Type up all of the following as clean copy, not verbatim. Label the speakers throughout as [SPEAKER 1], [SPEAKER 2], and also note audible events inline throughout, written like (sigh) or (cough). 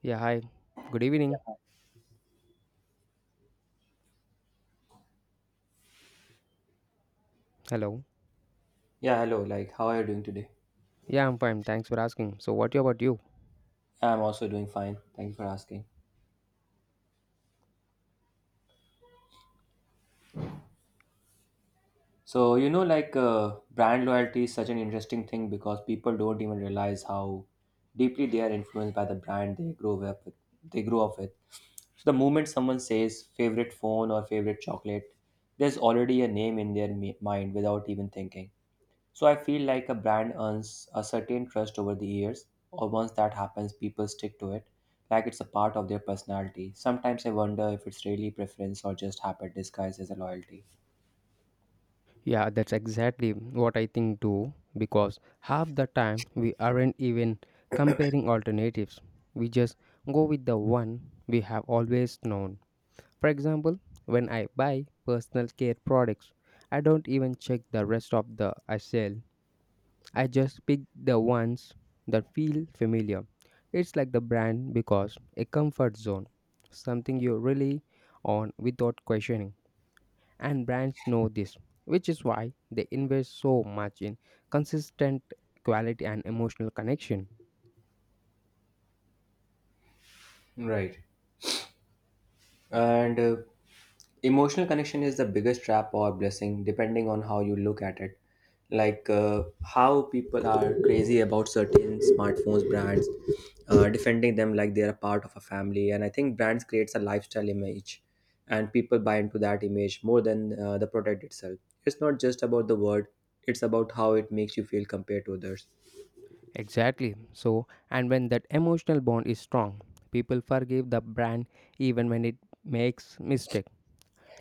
[SPEAKER 1] Yeah, hi. Good evening. Hello.
[SPEAKER 2] Yeah, hello. Like, how are you doing today?
[SPEAKER 1] Yeah, I'm fine. Thanks for asking. So, what about you?
[SPEAKER 2] Yeah, I'm also doing fine. Thank you for asking. Brand loyalty is such an interesting thing because people don't even realize how deeply they are influenced by the brand they grow up with. They grow up with. So, the moment someone says favorite phone or favorite chocolate, there's already a name in their mind without even thinking. So I feel like a brand earns a certain trust over the years, or once that happens, people stick to it, like it's a part of their personality. Sometimes I wonder if it's really preference or just habit disguised as a loyalty.
[SPEAKER 1] Yeah, that's exactly what I think too, because half the time we aren't even comparing alternatives. We just go with the one we have always known. For example, when I buy personal care products, I don't even check the rest of the aisle. I just pick the ones that feel familiar. It's like the brand because a comfort zone, something you rely on without questioning. And brands know this, which is why they invest so much in consistent quality and emotional connection.
[SPEAKER 2] Right. And Emotional connection is the biggest trap or blessing, depending on how you look at it. How people are crazy about certain smartphones brands, defending them like they are a part of a family. And I think brands creates a lifestyle image, and people buy into that image more than the product itself. It's not just about the word; it's about how it makes you feel compared to others.
[SPEAKER 1] Exactly. So, and when that emotional bond is strong, people forgive the brand even when it makes mistakes.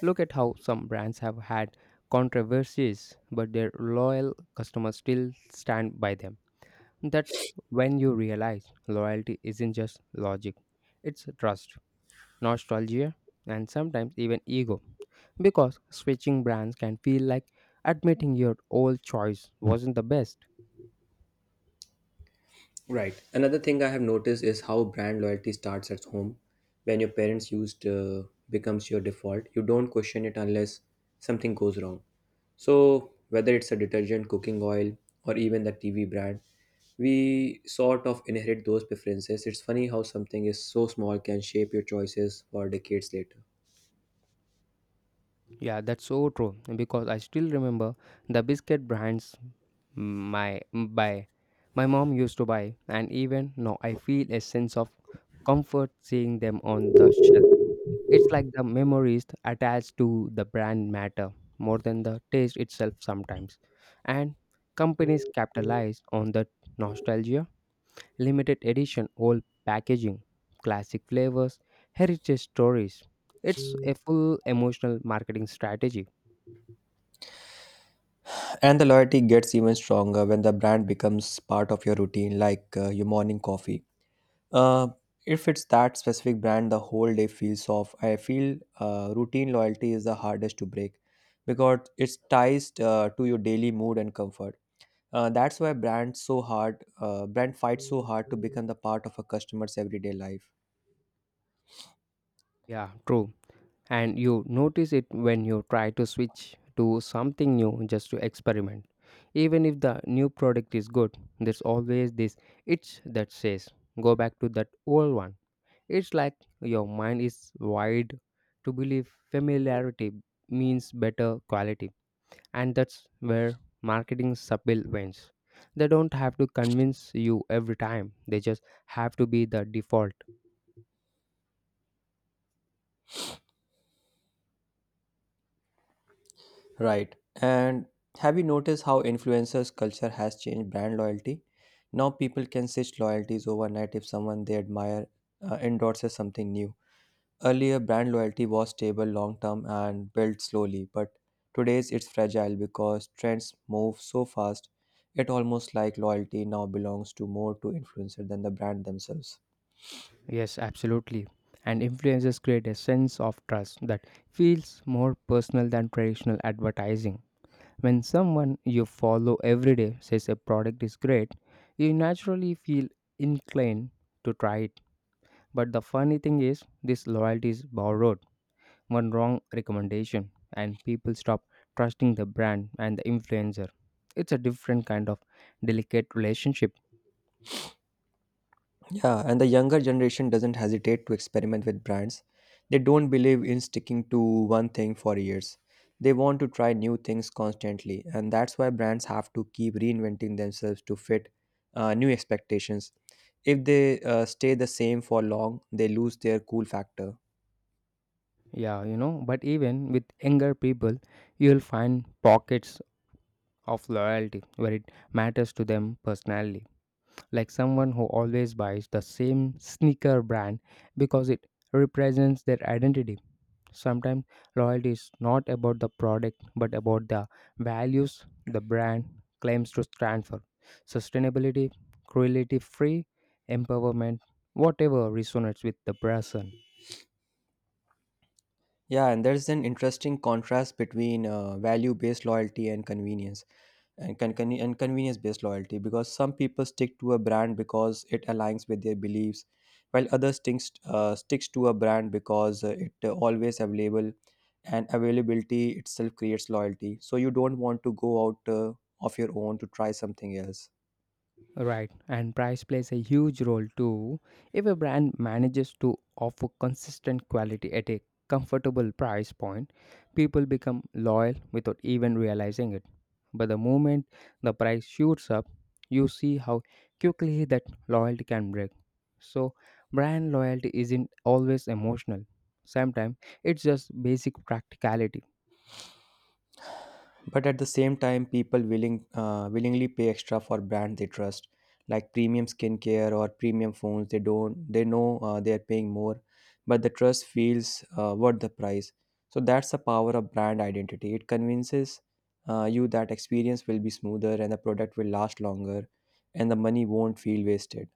[SPEAKER 1] Look at how some brands have had controversies, but their loyal customers still stand by them. That's when you realize loyalty isn't just logic, it's trust, nostalgia, and sometimes even ego. Because switching brands can feel like admitting your old choice wasn't the best.
[SPEAKER 2] Right. Another thing I have noticed is how brand loyalty starts at home. When your parents used, becomes your default, you don't question it unless something goes wrong. So whether it's a detergent, cooking oil, or even the TV brand, we sort of inherit those preferences. It's funny how something is so small can shape your choices for decades later.
[SPEAKER 1] Yeah, that's so true because I still remember the biscuit brands my buy my mom used to buy, and even now I feel a sense of comfort seeing them on the shelf. It's like the memories attached to the brand matter more than the taste itself sometimes. And companies capitalize on the nostalgia, limited edition old packaging, classic flavors, heritage stories. It's a full emotional marketing strategy.
[SPEAKER 2] And the loyalty gets even stronger when the brand becomes part of your routine, like your morning coffee. Uh, if it's that specific brand, the whole day feels off. I feel routine loyalty is the hardest to break because it's ties to your daily mood and comfort. That's why brand fights so hard to become the part of a customer's everyday life.
[SPEAKER 1] Yeah, true. And you notice it when you try to switch to something new just to experiment. Even if the new product is good, there's always this itch that says, go back to that old one. It's like your mind is wired to believe familiarity means better quality. And that's where marketing subtle wins. They don't have to convince you every time, they just have to be the default.
[SPEAKER 2] Right. And have you noticed how influencers culture has changed brand loyalty? Now people can switch loyalties overnight if someone they admire endorses something new. Earlier, brand loyalty was stable long term and built slowly, but today's it's fragile because trends move so fast. It almost like loyalty now belongs to more to influencer than the brand themselves.
[SPEAKER 1] Yes, absolutely. And influencers create a sense of trust that feels more personal than traditional advertising. When someone you follow every day says a product is great, you naturally feel inclined to try it. But the funny thing is, this loyalty is borrowed. One wrong recommendation, and people stop trusting the brand and the influencer. It's a different kind of delicate relationship.
[SPEAKER 2] Yeah, and the younger generation doesn't hesitate to experiment with brands. They don't believe in sticking to one thing for years. They want to try new things constantly, and that's why brands have to keep reinventing themselves to fit new expectations. If they stay the same for long, they lose their cool factor.
[SPEAKER 1] Yeah, you know, but even with younger people, you'll find pockets of loyalty where it matters to them personally. Like someone who always buys the same sneaker brand because it represents their identity. Sometimes loyalty is not about the product but about the values the brand claims to stand for. Sustainability, cruelty free, empowerment, whatever resonates with the person.
[SPEAKER 2] Yeah, and there's an interesting contrast between value-based loyalty and convenience-based loyalty because some people stick to a brand because it aligns with their beliefs, while others sticks to a brand because it always available and availability itself creates loyalty. So you don't want to go out of your own to try something else.
[SPEAKER 1] Right, and price plays a huge role too. If a brand manages to offer consistent quality at a comfortable price point, people become loyal without even realizing it. But the moment the price shoots up, you see how quickly that loyalty can break. So, brand loyalty isn't always emotional, sometimes it's just basic practicality.
[SPEAKER 2] But at the same time people willingly pay extra for brands they trust, like premium skincare or premium phones. They don't they know they are paying more, but the trust feels worth the price. So that's the power of brand identity. It convinces you that experience will be smoother and the product will last longer and the money won't feel wasted.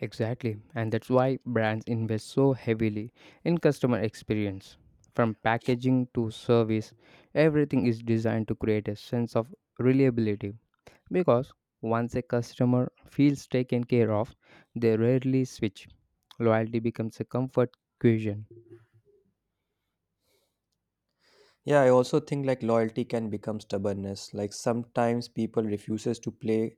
[SPEAKER 1] Exactly, and that's why brands invest so heavily in customer experience. From packaging to service, everything is designed to create a sense of reliability because once a customer feels taken care of, they rarely switch. Loyalty becomes a comfort question.
[SPEAKER 2] Yeah, I also think like loyalty can become stubbornness. Like sometimes people refuses to play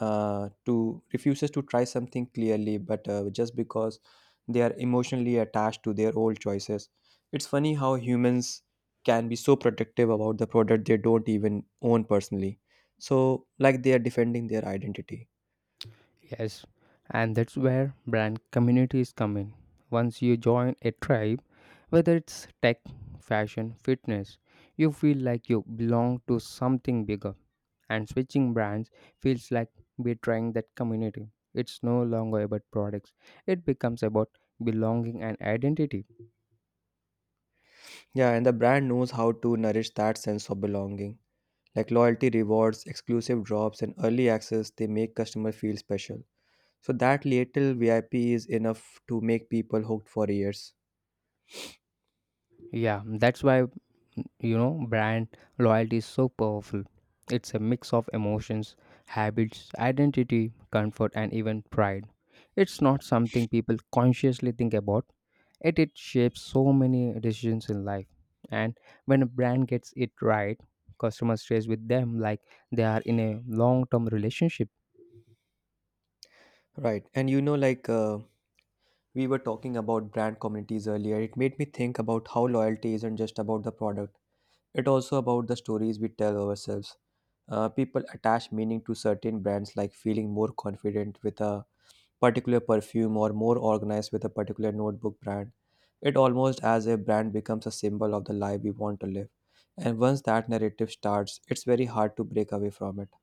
[SPEAKER 2] uh, to refuses to try something clearly but just because they are emotionally attached to their old choices. It's funny how humans can be so protective about the product they don't even own personally, so like they are defending their identity.
[SPEAKER 1] Yes, and that's where brand communities come in. Once you join a tribe, whether it's tech, fashion, fitness, you feel like you belong to something bigger and switching brands feels like betraying that community. It's no longer about products, it becomes about belonging and identity.
[SPEAKER 2] Yeah, and the brand knows how to nourish that sense of belonging, like loyalty rewards, exclusive drops, and early access. They make customer feel special, so that little VIP is enough to make people hooked for years.
[SPEAKER 1] Yeah, that's why you know brand loyalty is so powerful. It's a mix of emotions, habits, identity, comfort, and even pride. It's not something people consciously think about. Yet it shapes so many decisions in life. And when a brand gets it right, customers stays with them like they are in a long-term relationship.
[SPEAKER 2] Right. And you know, we were talking about brand communities earlier. It made me think about how loyalty isn't just about the product, it's also about the stories we tell ourselves. People attach meaning to certain brands, like feeling more confident with a particular perfume or more organized with a particular notebook brand. It almost as a brand becomes a symbol of the life we want to live. And once that narrative starts, it's very hard to break away from it.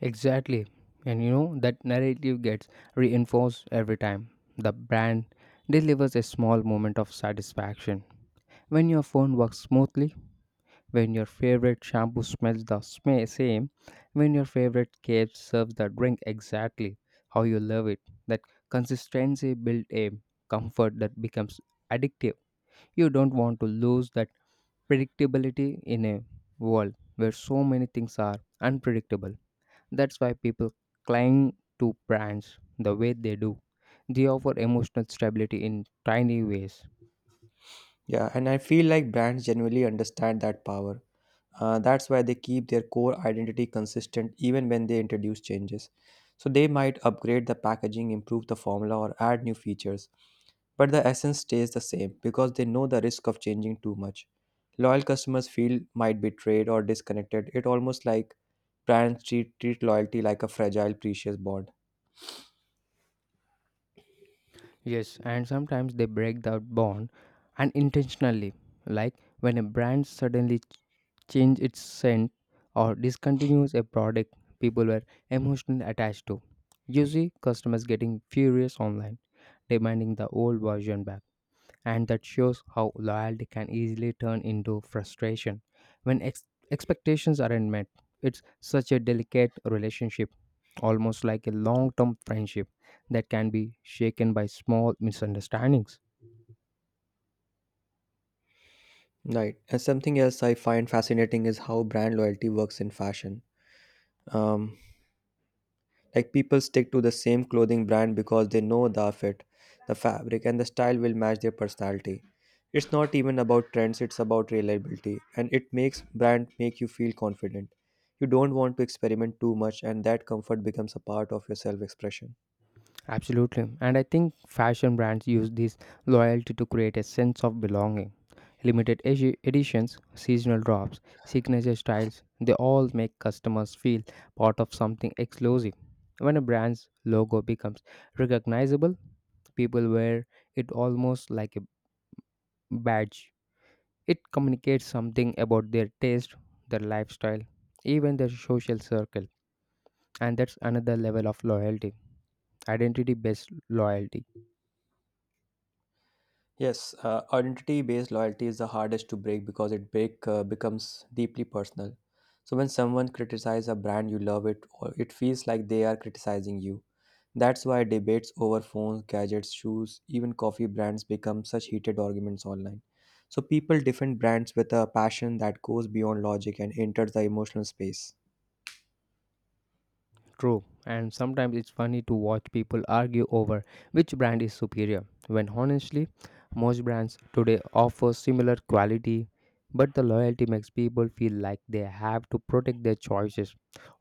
[SPEAKER 1] Exactly. And you know that narrative gets reinforced every time. The brand delivers a small moment of satisfaction. When your phone works smoothly, when your favorite shampoo smells the same, when your favorite cake serves the drink exactly how you love it. That consistency builds a comfort that becomes addictive. You don't want to lose that predictability in a world where so many things are unpredictable. That's why people cling to brands the way they do. They offer emotional stability in tiny ways.
[SPEAKER 2] Yeah, and I feel like brands genuinely understand that power. That's why they keep their core identity consistent even when they introduce changes. So they might upgrade the packaging, improve the formula, or add new features, but the essence stays the same because they know the risk of changing too much. Loyal customers feel might betrayed or disconnected. It almost like brands treat loyalty like a fragile, precious bond.
[SPEAKER 1] Yes, and sometimes they break that bond unintentionally, like when a brand suddenly change its scent or discontinues a product people were emotionally attached to. You see customers getting furious online, demanding the old version back, and that shows how loyalty can easily turn into frustration when expectations aren't met. It's such a delicate relationship, almost like a long term friendship that can be shaken by small misunderstandings.
[SPEAKER 2] Right. And something else I find fascinating is how brand loyalty works in fashion. Um, Like people stick to the same clothing brand because they know the fit, the fabric, and the style will match their personality. It's not even about trends, it's about reliability, and it makes brand make you feel confident. You don't want to experiment too much, and that comfort becomes a part of your self expression.
[SPEAKER 1] Absolutely. And I think fashion brands use this loyalty to create a sense of belonging. Limited editions, seasonal drops, signature styles, they all make customers feel part of something exclusive. When a brand's logo becomes recognizable, people wear it almost like a badge. It communicates something about their taste, their lifestyle, even their social circle. And that's another level of loyalty, identity based loyalty.
[SPEAKER 2] Yes, identity-based loyalty is the hardest to break because it break becomes deeply personal. So when someone criticizes a brand you love, it or it feels like they are criticizing you. That's why debates over phones, gadgets, shoes, even coffee brands become such heated arguments online. So people defend brands with a passion that goes beyond logic and enters the emotional space.
[SPEAKER 1] True, and sometimes it's funny to watch people argue over which brand is superior, when honestly, most brands today offer similar quality, but the loyalty makes people feel like they have to protect their choices,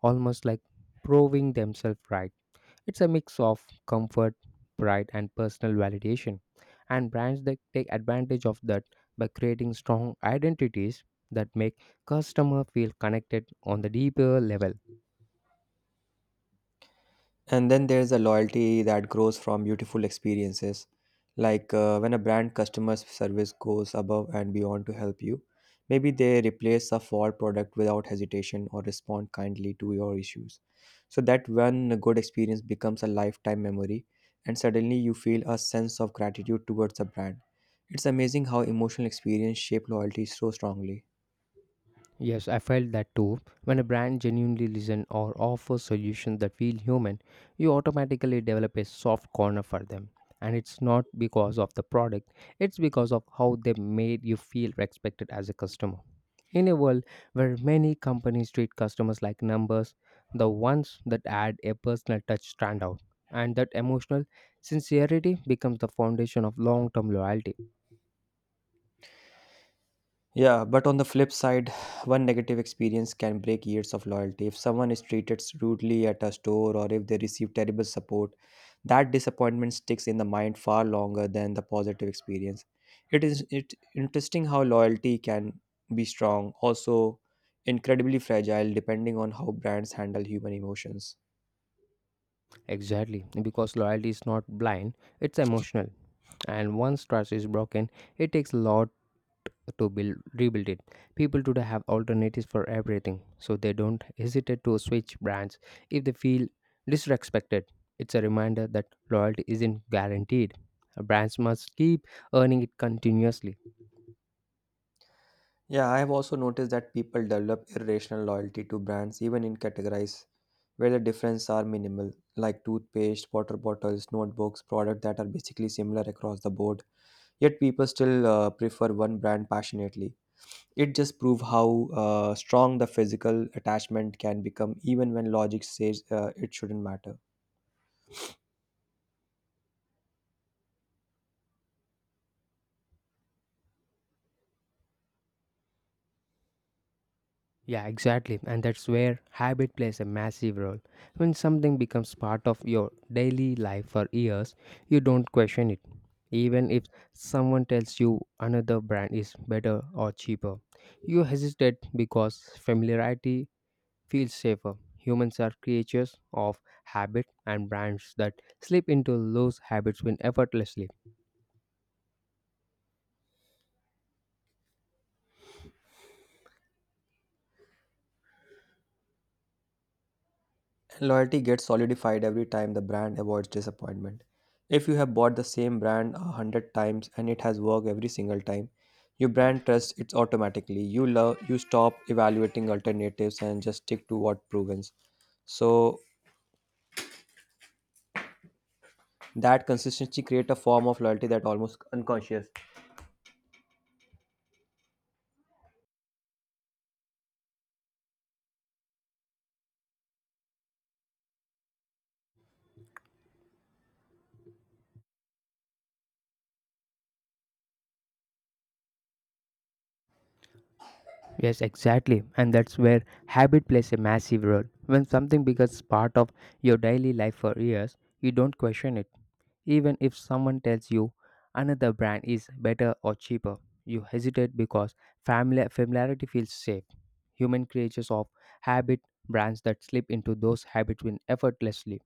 [SPEAKER 1] almost like proving themselves right. It's a mix of comfort, pride, and personal validation, and brands that take advantage of that by creating strong identities that make customer feel connected on the deeper level.
[SPEAKER 2] And then there's a loyalty that grows from beautiful experiences. When a brand customer service goes above and beyond to help you, maybe they replace a faulty product without hesitation or respond kindly to your issues. So that one good experience becomes a lifetime memory, and suddenly you feel a sense of gratitude towards the brand. It's amazing how emotional experience shape loyalty so strongly.
[SPEAKER 1] Yes, I felt that too. When a brand genuinely listens or offers solutions that feel human, you automatically develop a soft corner for them. And it's not because of the product, it's because of how they made you feel respected as a customer. In a world where many companies treat customers like numbers, the ones that add a personal touch stand out. And that emotional sincerity becomes the foundation of long term loyalty.
[SPEAKER 2] Yeah, but on the flip side, (sighs) one negative experience can break years of loyalty. If someone is treated rudely at a store or if they receive terrible support, that disappointment sticks in the mind far longer than the positive experience. It is it interesting how loyalty can be strong, also incredibly fragile depending on how brands handle human emotions.
[SPEAKER 1] Exactly, because loyalty is not blind, it's emotional. And once trust is broken, it takes a lot to build rebuild it. People today have alternatives for everything, so they don't hesitate to switch brands if they feel disrespected. It's a reminder that loyalty isn't guaranteed. Brands must keep earning it continuously.
[SPEAKER 2] Yeah, I have also noticed that people develop irrational loyalty to brands even in categories where the differences are minimal, like toothpaste, water bottles, notebooks, products that are basically similar across the board. Yet people still prefer one brand passionately. It just proves how strong the physical attachment can become even when logic says it shouldn't matter.
[SPEAKER 1] Yeah, exactly. And that's where habit plays a massive role. When something becomes part of your daily life for years, you don't question it. Even if someone tells you another brand is better or cheaper, you hesitate because familiarity feels safer. Humans are creatures of habit, and brands that slip into those habits win effortlessly.
[SPEAKER 2] Loyalty gets solidified every time the brand avoids disappointment. If you have bought the same brand a hundred times and it has worked every single time, your brand trusts it automatically. You love you stop evaluating alternatives and just stick to what proven. So that consistency creates a form of loyalty that almost unconscious.
[SPEAKER 1] Yes, exactly. And that's where habit plays a massive role. When something becomes part of your daily life for years, you don't question it. Even if someone tells you another brand is better or cheaper, you hesitate because family familiarity feels safe. Human creatures of habit, brands that slip into those habits win effortlessly.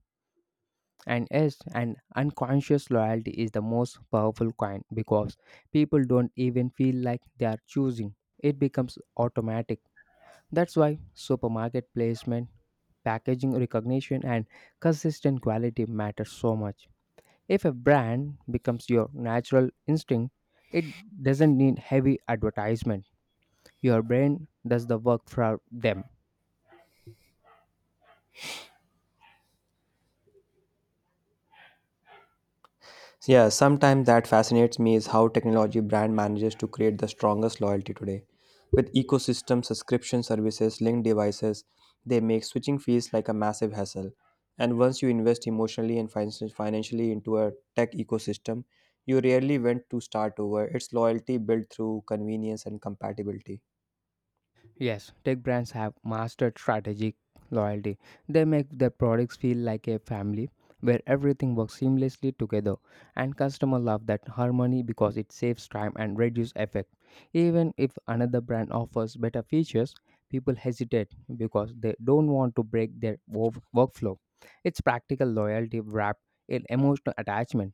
[SPEAKER 1] And yes, an unconscious loyalty is the most powerful kind because people don't even feel like they are choosing. It becomes automatic. That's why supermarket placement, packaging recognition, and consistent quality matter so much. If a brand becomes your natural instinct, it doesn't need heavy advertisement. Your brain does the work for them.
[SPEAKER 2] Yeah, sometimes that fascinates me is how technology brand manages to create the strongest loyalty today. With ecosystem subscription services, linked devices, they make switching fees like a massive hassle. And once you invest emotionally and financially into a tech ecosystem, you rarely want to start over. It's loyalty built through convenience and compatibility.
[SPEAKER 1] Yes, tech brands have mastered strategic loyalty. They make their products feel like a family where everything works seamlessly together and customers love that harmony because it saves time and reduces effect. Even if another brand offers better features, people hesitate because they don't want to break their workflow. It's practical loyalty wrapped in emotional attachment.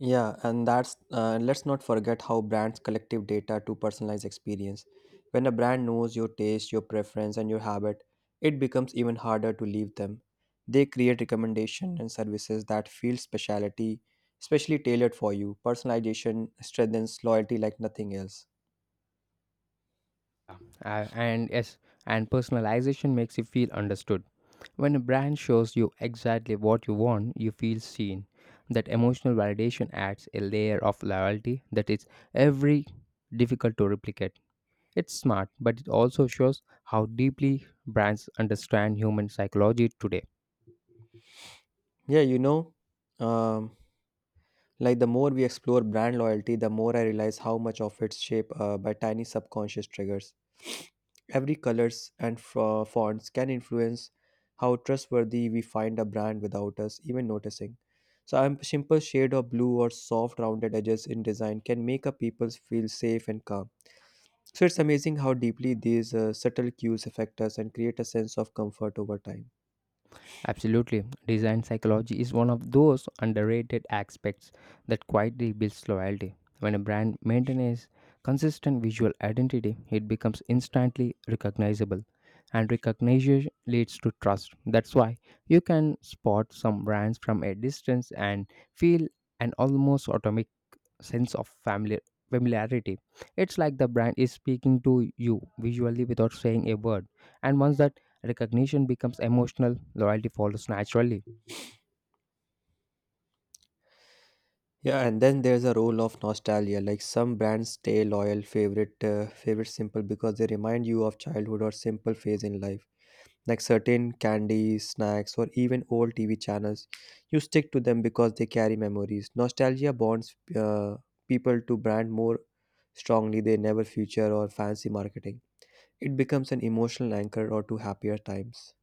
[SPEAKER 2] Yeah, and that's let's not forget how brands collective data to personalize experience. When a brand knows your taste, your preference, and your habit, it becomes even harder to leave them. They create recommendation and services that feel specially tailored for you. Personalization strengthens loyalty like nothing else.
[SPEAKER 1] And yes, and personalization makes you feel understood. When a brand shows you exactly what you want, you feel seen. That emotional validation adds a layer of loyalty that is every difficult to replicate. It's smart, but it also shows how deeply brands understand human psychology today.
[SPEAKER 2] Yeah, you know, um, like the more we explore brand loyalty, the more I realize how much of it's shaped by tiny subconscious triggers. Every colors and fonts can influence how trustworthy we find a brand without us even noticing. So a simple shade of blue or soft rounded edges in design can make a people feel safe and calm. So it's amazing how deeply these subtle cues affect us and create a sense of comfort over time.
[SPEAKER 1] Absolutely. Design psychology is one of those underrated aspects that quietly builds loyalty. When a brand maintains consistent visual identity, it becomes instantly recognizable. And recognition leads to trust. That's why you can spot some brands from a distance and feel an almost automatic sense of family familiarity. It's like the brand is speaking to you visually without saying a word, and once that recognition becomes emotional, loyalty follows naturally.
[SPEAKER 2] Yeah, and then there's a role of nostalgia. Like some brands stay loyal favorite simple because they remind you of childhood or simple phase in life, like certain candies, snacks, or even old TV channels. You stick to them because they carry memories. Nostalgia bonds people to brand more strongly than never future or fancy marketing. It becomes an emotional anchor or to happier times.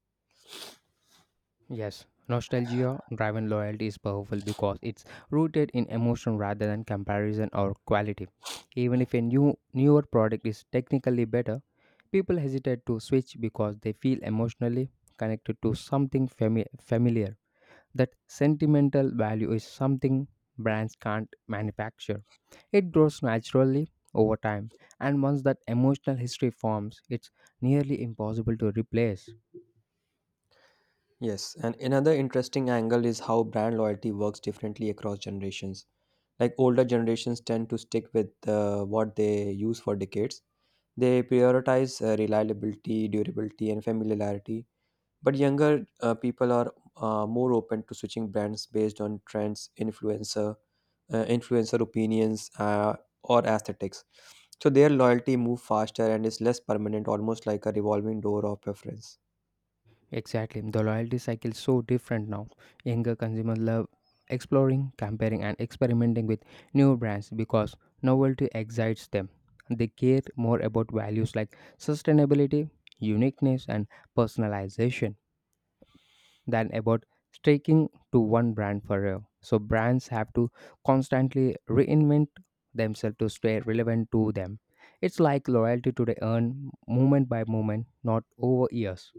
[SPEAKER 1] Yes, nostalgia driven loyalty is powerful because it's rooted in emotion rather than comparison or quality. Even if a newer product is technically better, people hesitate to switch because they feel emotionally connected to something familiar. That sentimental value is something brands can't manufacture. It grows naturally over time, and once that emotional history forms, it's nearly impossible to replace.
[SPEAKER 2] Yes, and another interesting angle is how brand loyalty works differently across generations. Like older generations tend to stick with what they use for decades. They prioritize reliability, durability, and familiarity, but younger people are more open to switching brands based on trends, influencer opinions, or aesthetics. So their loyalty moves faster and is less permanent, almost like a revolving door of preference.
[SPEAKER 1] Exactly. The loyalty cycle is so different now. Younger consumers love exploring, comparing, and experimenting with new brands because novelty excites them. They care more about values like sustainability, uniqueness, and personalization than about sticking to one brand forever. So, brands have to constantly reinvent themselves to stay relevant to them. It's like loyalty today earned moment by moment, not over years.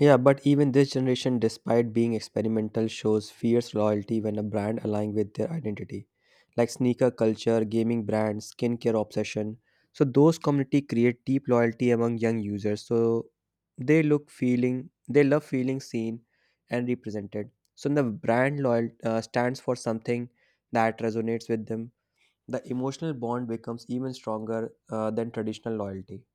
[SPEAKER 2] Yeah, but even this generation, despite being experimental, shows fierce loyalty when a brand aligns with their identity, like sneaker culture, gaming brands, skincare obsession. So those community create deep loyalty among young users. So they look feeling, they love feeling seen and represented. So the brand loyal stands for something that resonates with them. The emotional bond becomes even stronger than traditional loyalty.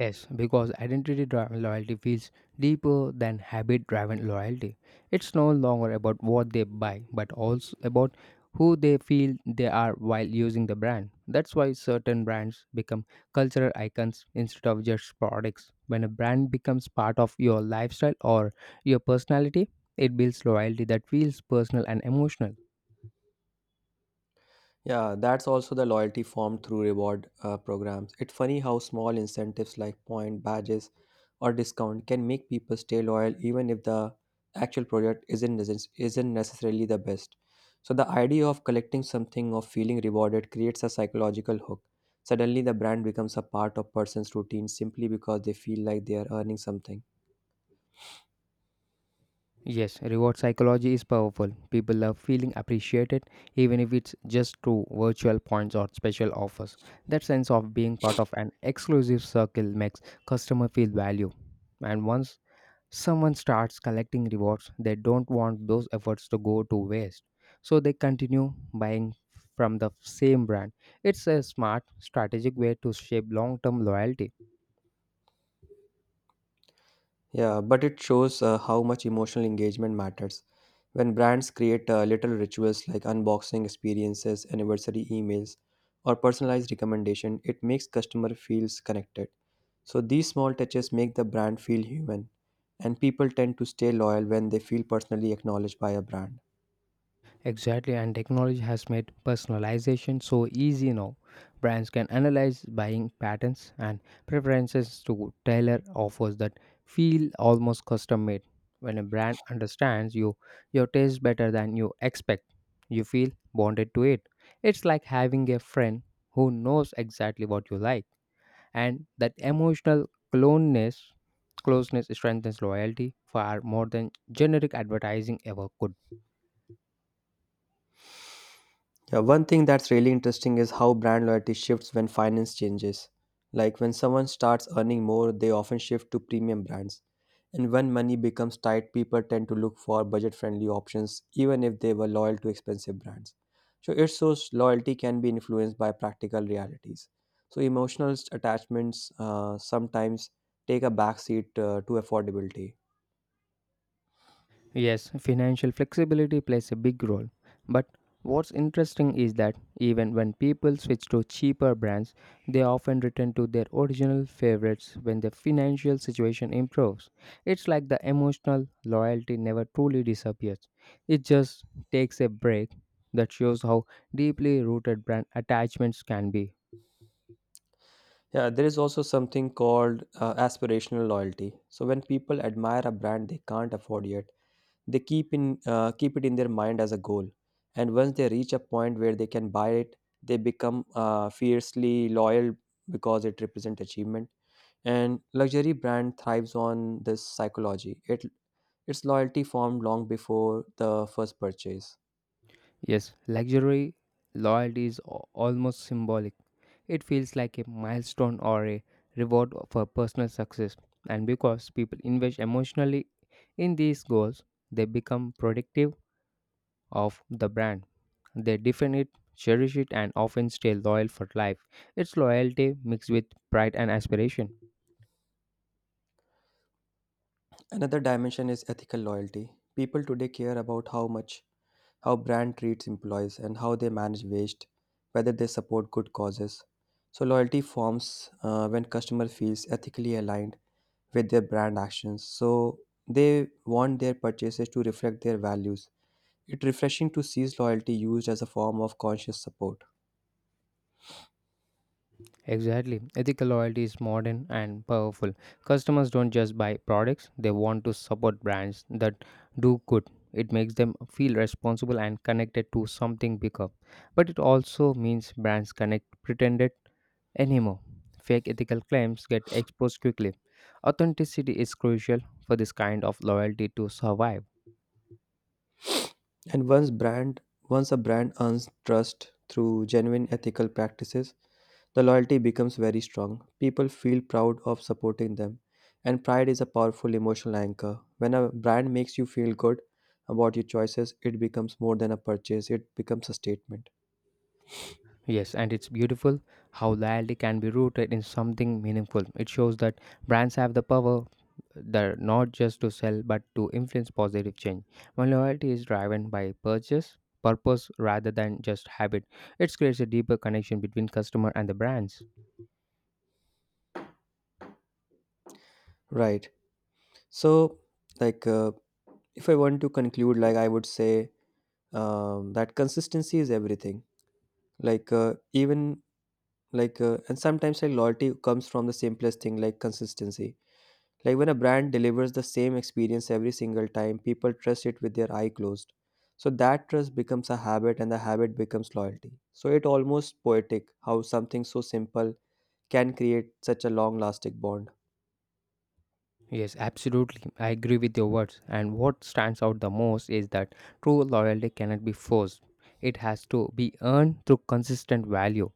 [SPEAKER 1] Yes, because identity driven loyalty feels deeper than habit driven loyalty. It's no longer about what they buy, but also about who they feel they are while using the brand. That's why certain brands become cultural icons instead of just products. When a brand becomes part of your lifestyle or your personality, it builds loyalty that feels personal and emotional.
[SPEAKER 2] Yeah, that's also the loyalty formed through reward programs. It's funny how small incentives like point, badges, or discount can make people stay loyal even if the actual product isn't necessarily the best. So the idea of collecting something or feeling rewarded creates a psychological hook. Suddenly, the brand becomes a part of person's routine simply because they feel like they are earning something.
[SPEAKER 1] Yes, reward psychology is powerful. People love feeling appreciated, even if it's just through virtual points or special offers. That sense of being part of an exclusive circle makes customer feel value. And once someone starts collecting rewards, they don't want those efforts to go to waste. So they continue buying from the same brand. It's a smart, strategic way to shape long term loyalty.
[SPEAKER 2] Yeah, but it shows how much emotional engagement matters. When brands create little rituals like unboxing experiences, anniversary emails, or personalized recommendation, it makes customer feels connected. So these small touches make the brand feel human, and people tend to stay loyal when they feel personally acknowledged by a brand.
[SPEAKER 1] Exactly, and technology has made personalization so easy now. Brands can analyze buying patterns and preferences to tailor offers that feel almost custom made. When a brand understands you, your taste better than you expect, you feel bonded to it. It's like having a friend who knows exactly what you like, and that emotional closeness, closeness strengthens loyalty far more than generic advertising ever could.
[SPEAKER 2] Yeah, one thing that's really interesting is how brand loyalty shifts when finance changes. Like when someone starts earning more, they often shift to premium brands. And when money becomes tight, people tend to look for budget friendly options, even if they were loyal to expensive brands. So it shows loyalty can be influenced by practical realities. So emotional attachments sometimes take a backseat to affordability.
[SPEAKER 1] Yes, financial flexibility plays a big role. But what's interesting is that even when people switch to cheaper brands, they often return to their original favorites when their financial situation improves. It's like the emotional loyalty never truly disappears, it just takes a break that shows how deeply rooted brand attachments can be.
[SPEAKER 2] Yeah, there is also something called aspirational loyalty. So when people admire a brand they can't afford yet, they keep it in their mind as a goal, and once they reach a point where they can buy it, they become fiercely loyal because it represents achievement. And luxury brand thrives on this psychology. It its loyalty formed long before the first purchase.
[SPEAKER 1] Yes, luxury loyalty is almost symbolic. It feels like a milestone or a reward for personal success. And because people invest emotionally in these goals, they become protective of the brand. They defend it, cherish it, and often stay loyal for life. It's loyalty mixed with pride and aspiration.
[SPEAKER 2] Another dimension is ethical loyalty. People today care about how much how brand treats employees and how they manage waste, whether they support good causes. So loyalty forms when customer feels ethically aligned with their brand actions, so they want their purchases to reflect their values. It's refreshing to see loyalty used as a form of conscious support.
[SPEAKER 1] Exactly. Ethical loyalty is modern and powerful. Customers don't just buy products, they want to support brands that do good. It makes them feel responsible and connected to something bigger. But it also means brands connect pretended anymore. Fake ethical claims get exposed quickly. Authenticity is crucial for this kind of loyalty to survive.
[SPEAKER 2] And once a brand earns trust through genuine ethical practices, the loyalty becomes very strong. People feel proud of supporting them, and pride is a powerful emotional anchor. When a brand makes you feel good about your choices, it becomes more than a purchase, it becomes a statement.
[SPEAKER 1] Yes, and it's beautiful how loyalty can be rooted in something meaningful. It shows that brands have the power that not just to sell but to influence positive change. When loyalty is driven by purchase, purpose rather than just habit, it creates a deeper connection between customer and the brands.
[SPEAKER 2] Right. So, like uh, if I want to conclude, I would say that consistency is everything, like even like and sometimes, like, loyalty comes from the simplest thing like consistency. Like when a brand delivers the same experience every single time, people trust it with their eye closed. So that trust becomes a habit, and the habit becomes loyalty. So it almost poetic how something so simple can create such a long lasting bond.
[SPEAKER 1] Yes, absolutely. I agree with your words. And what stands out the most is that true loyalty cannot be forced. It has to be earned through consistent value.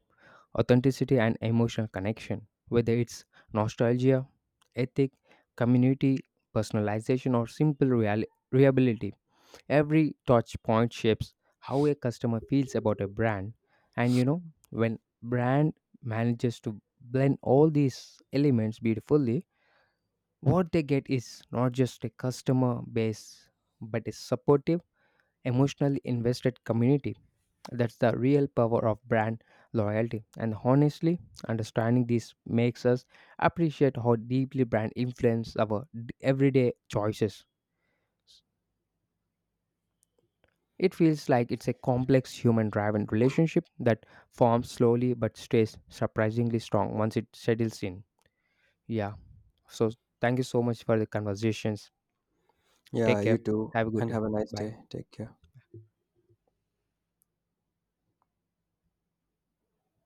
[SPEAKER 1] Authenticity, and emotional connection. Whether it's nostalgia, ethic, community, personalization, or simple reliability, every touch point shapes how a customer feels about a brand. And you know, when brand manages to blend all these elements beautifully, what they get is not just a customer base, but a supportive emotionally invested community. That's the real power of brand loyalty. And honestly, understanding this makes us appreciate how deeply brand influence our everyday choices. It feels like it's a complex human driven relationship that forms slowly but stays surprisingly strong once it settles in. Yeah. So thank you so much for the conversations.
[SPEAKER 2] Yeah,
[SPEAKER 1] Take
[SPEAKER 2] you
[SPEAKER 1] care.
[SPEAKER 2] too,
[SPEAKER 1] Have a good
[SPEAKER 2] and
[SPEAKER 1] day.
[SPEAKER 2] have a nice
[SPEAKER 1] Bye.
[SPEAKER 2] day. Take care.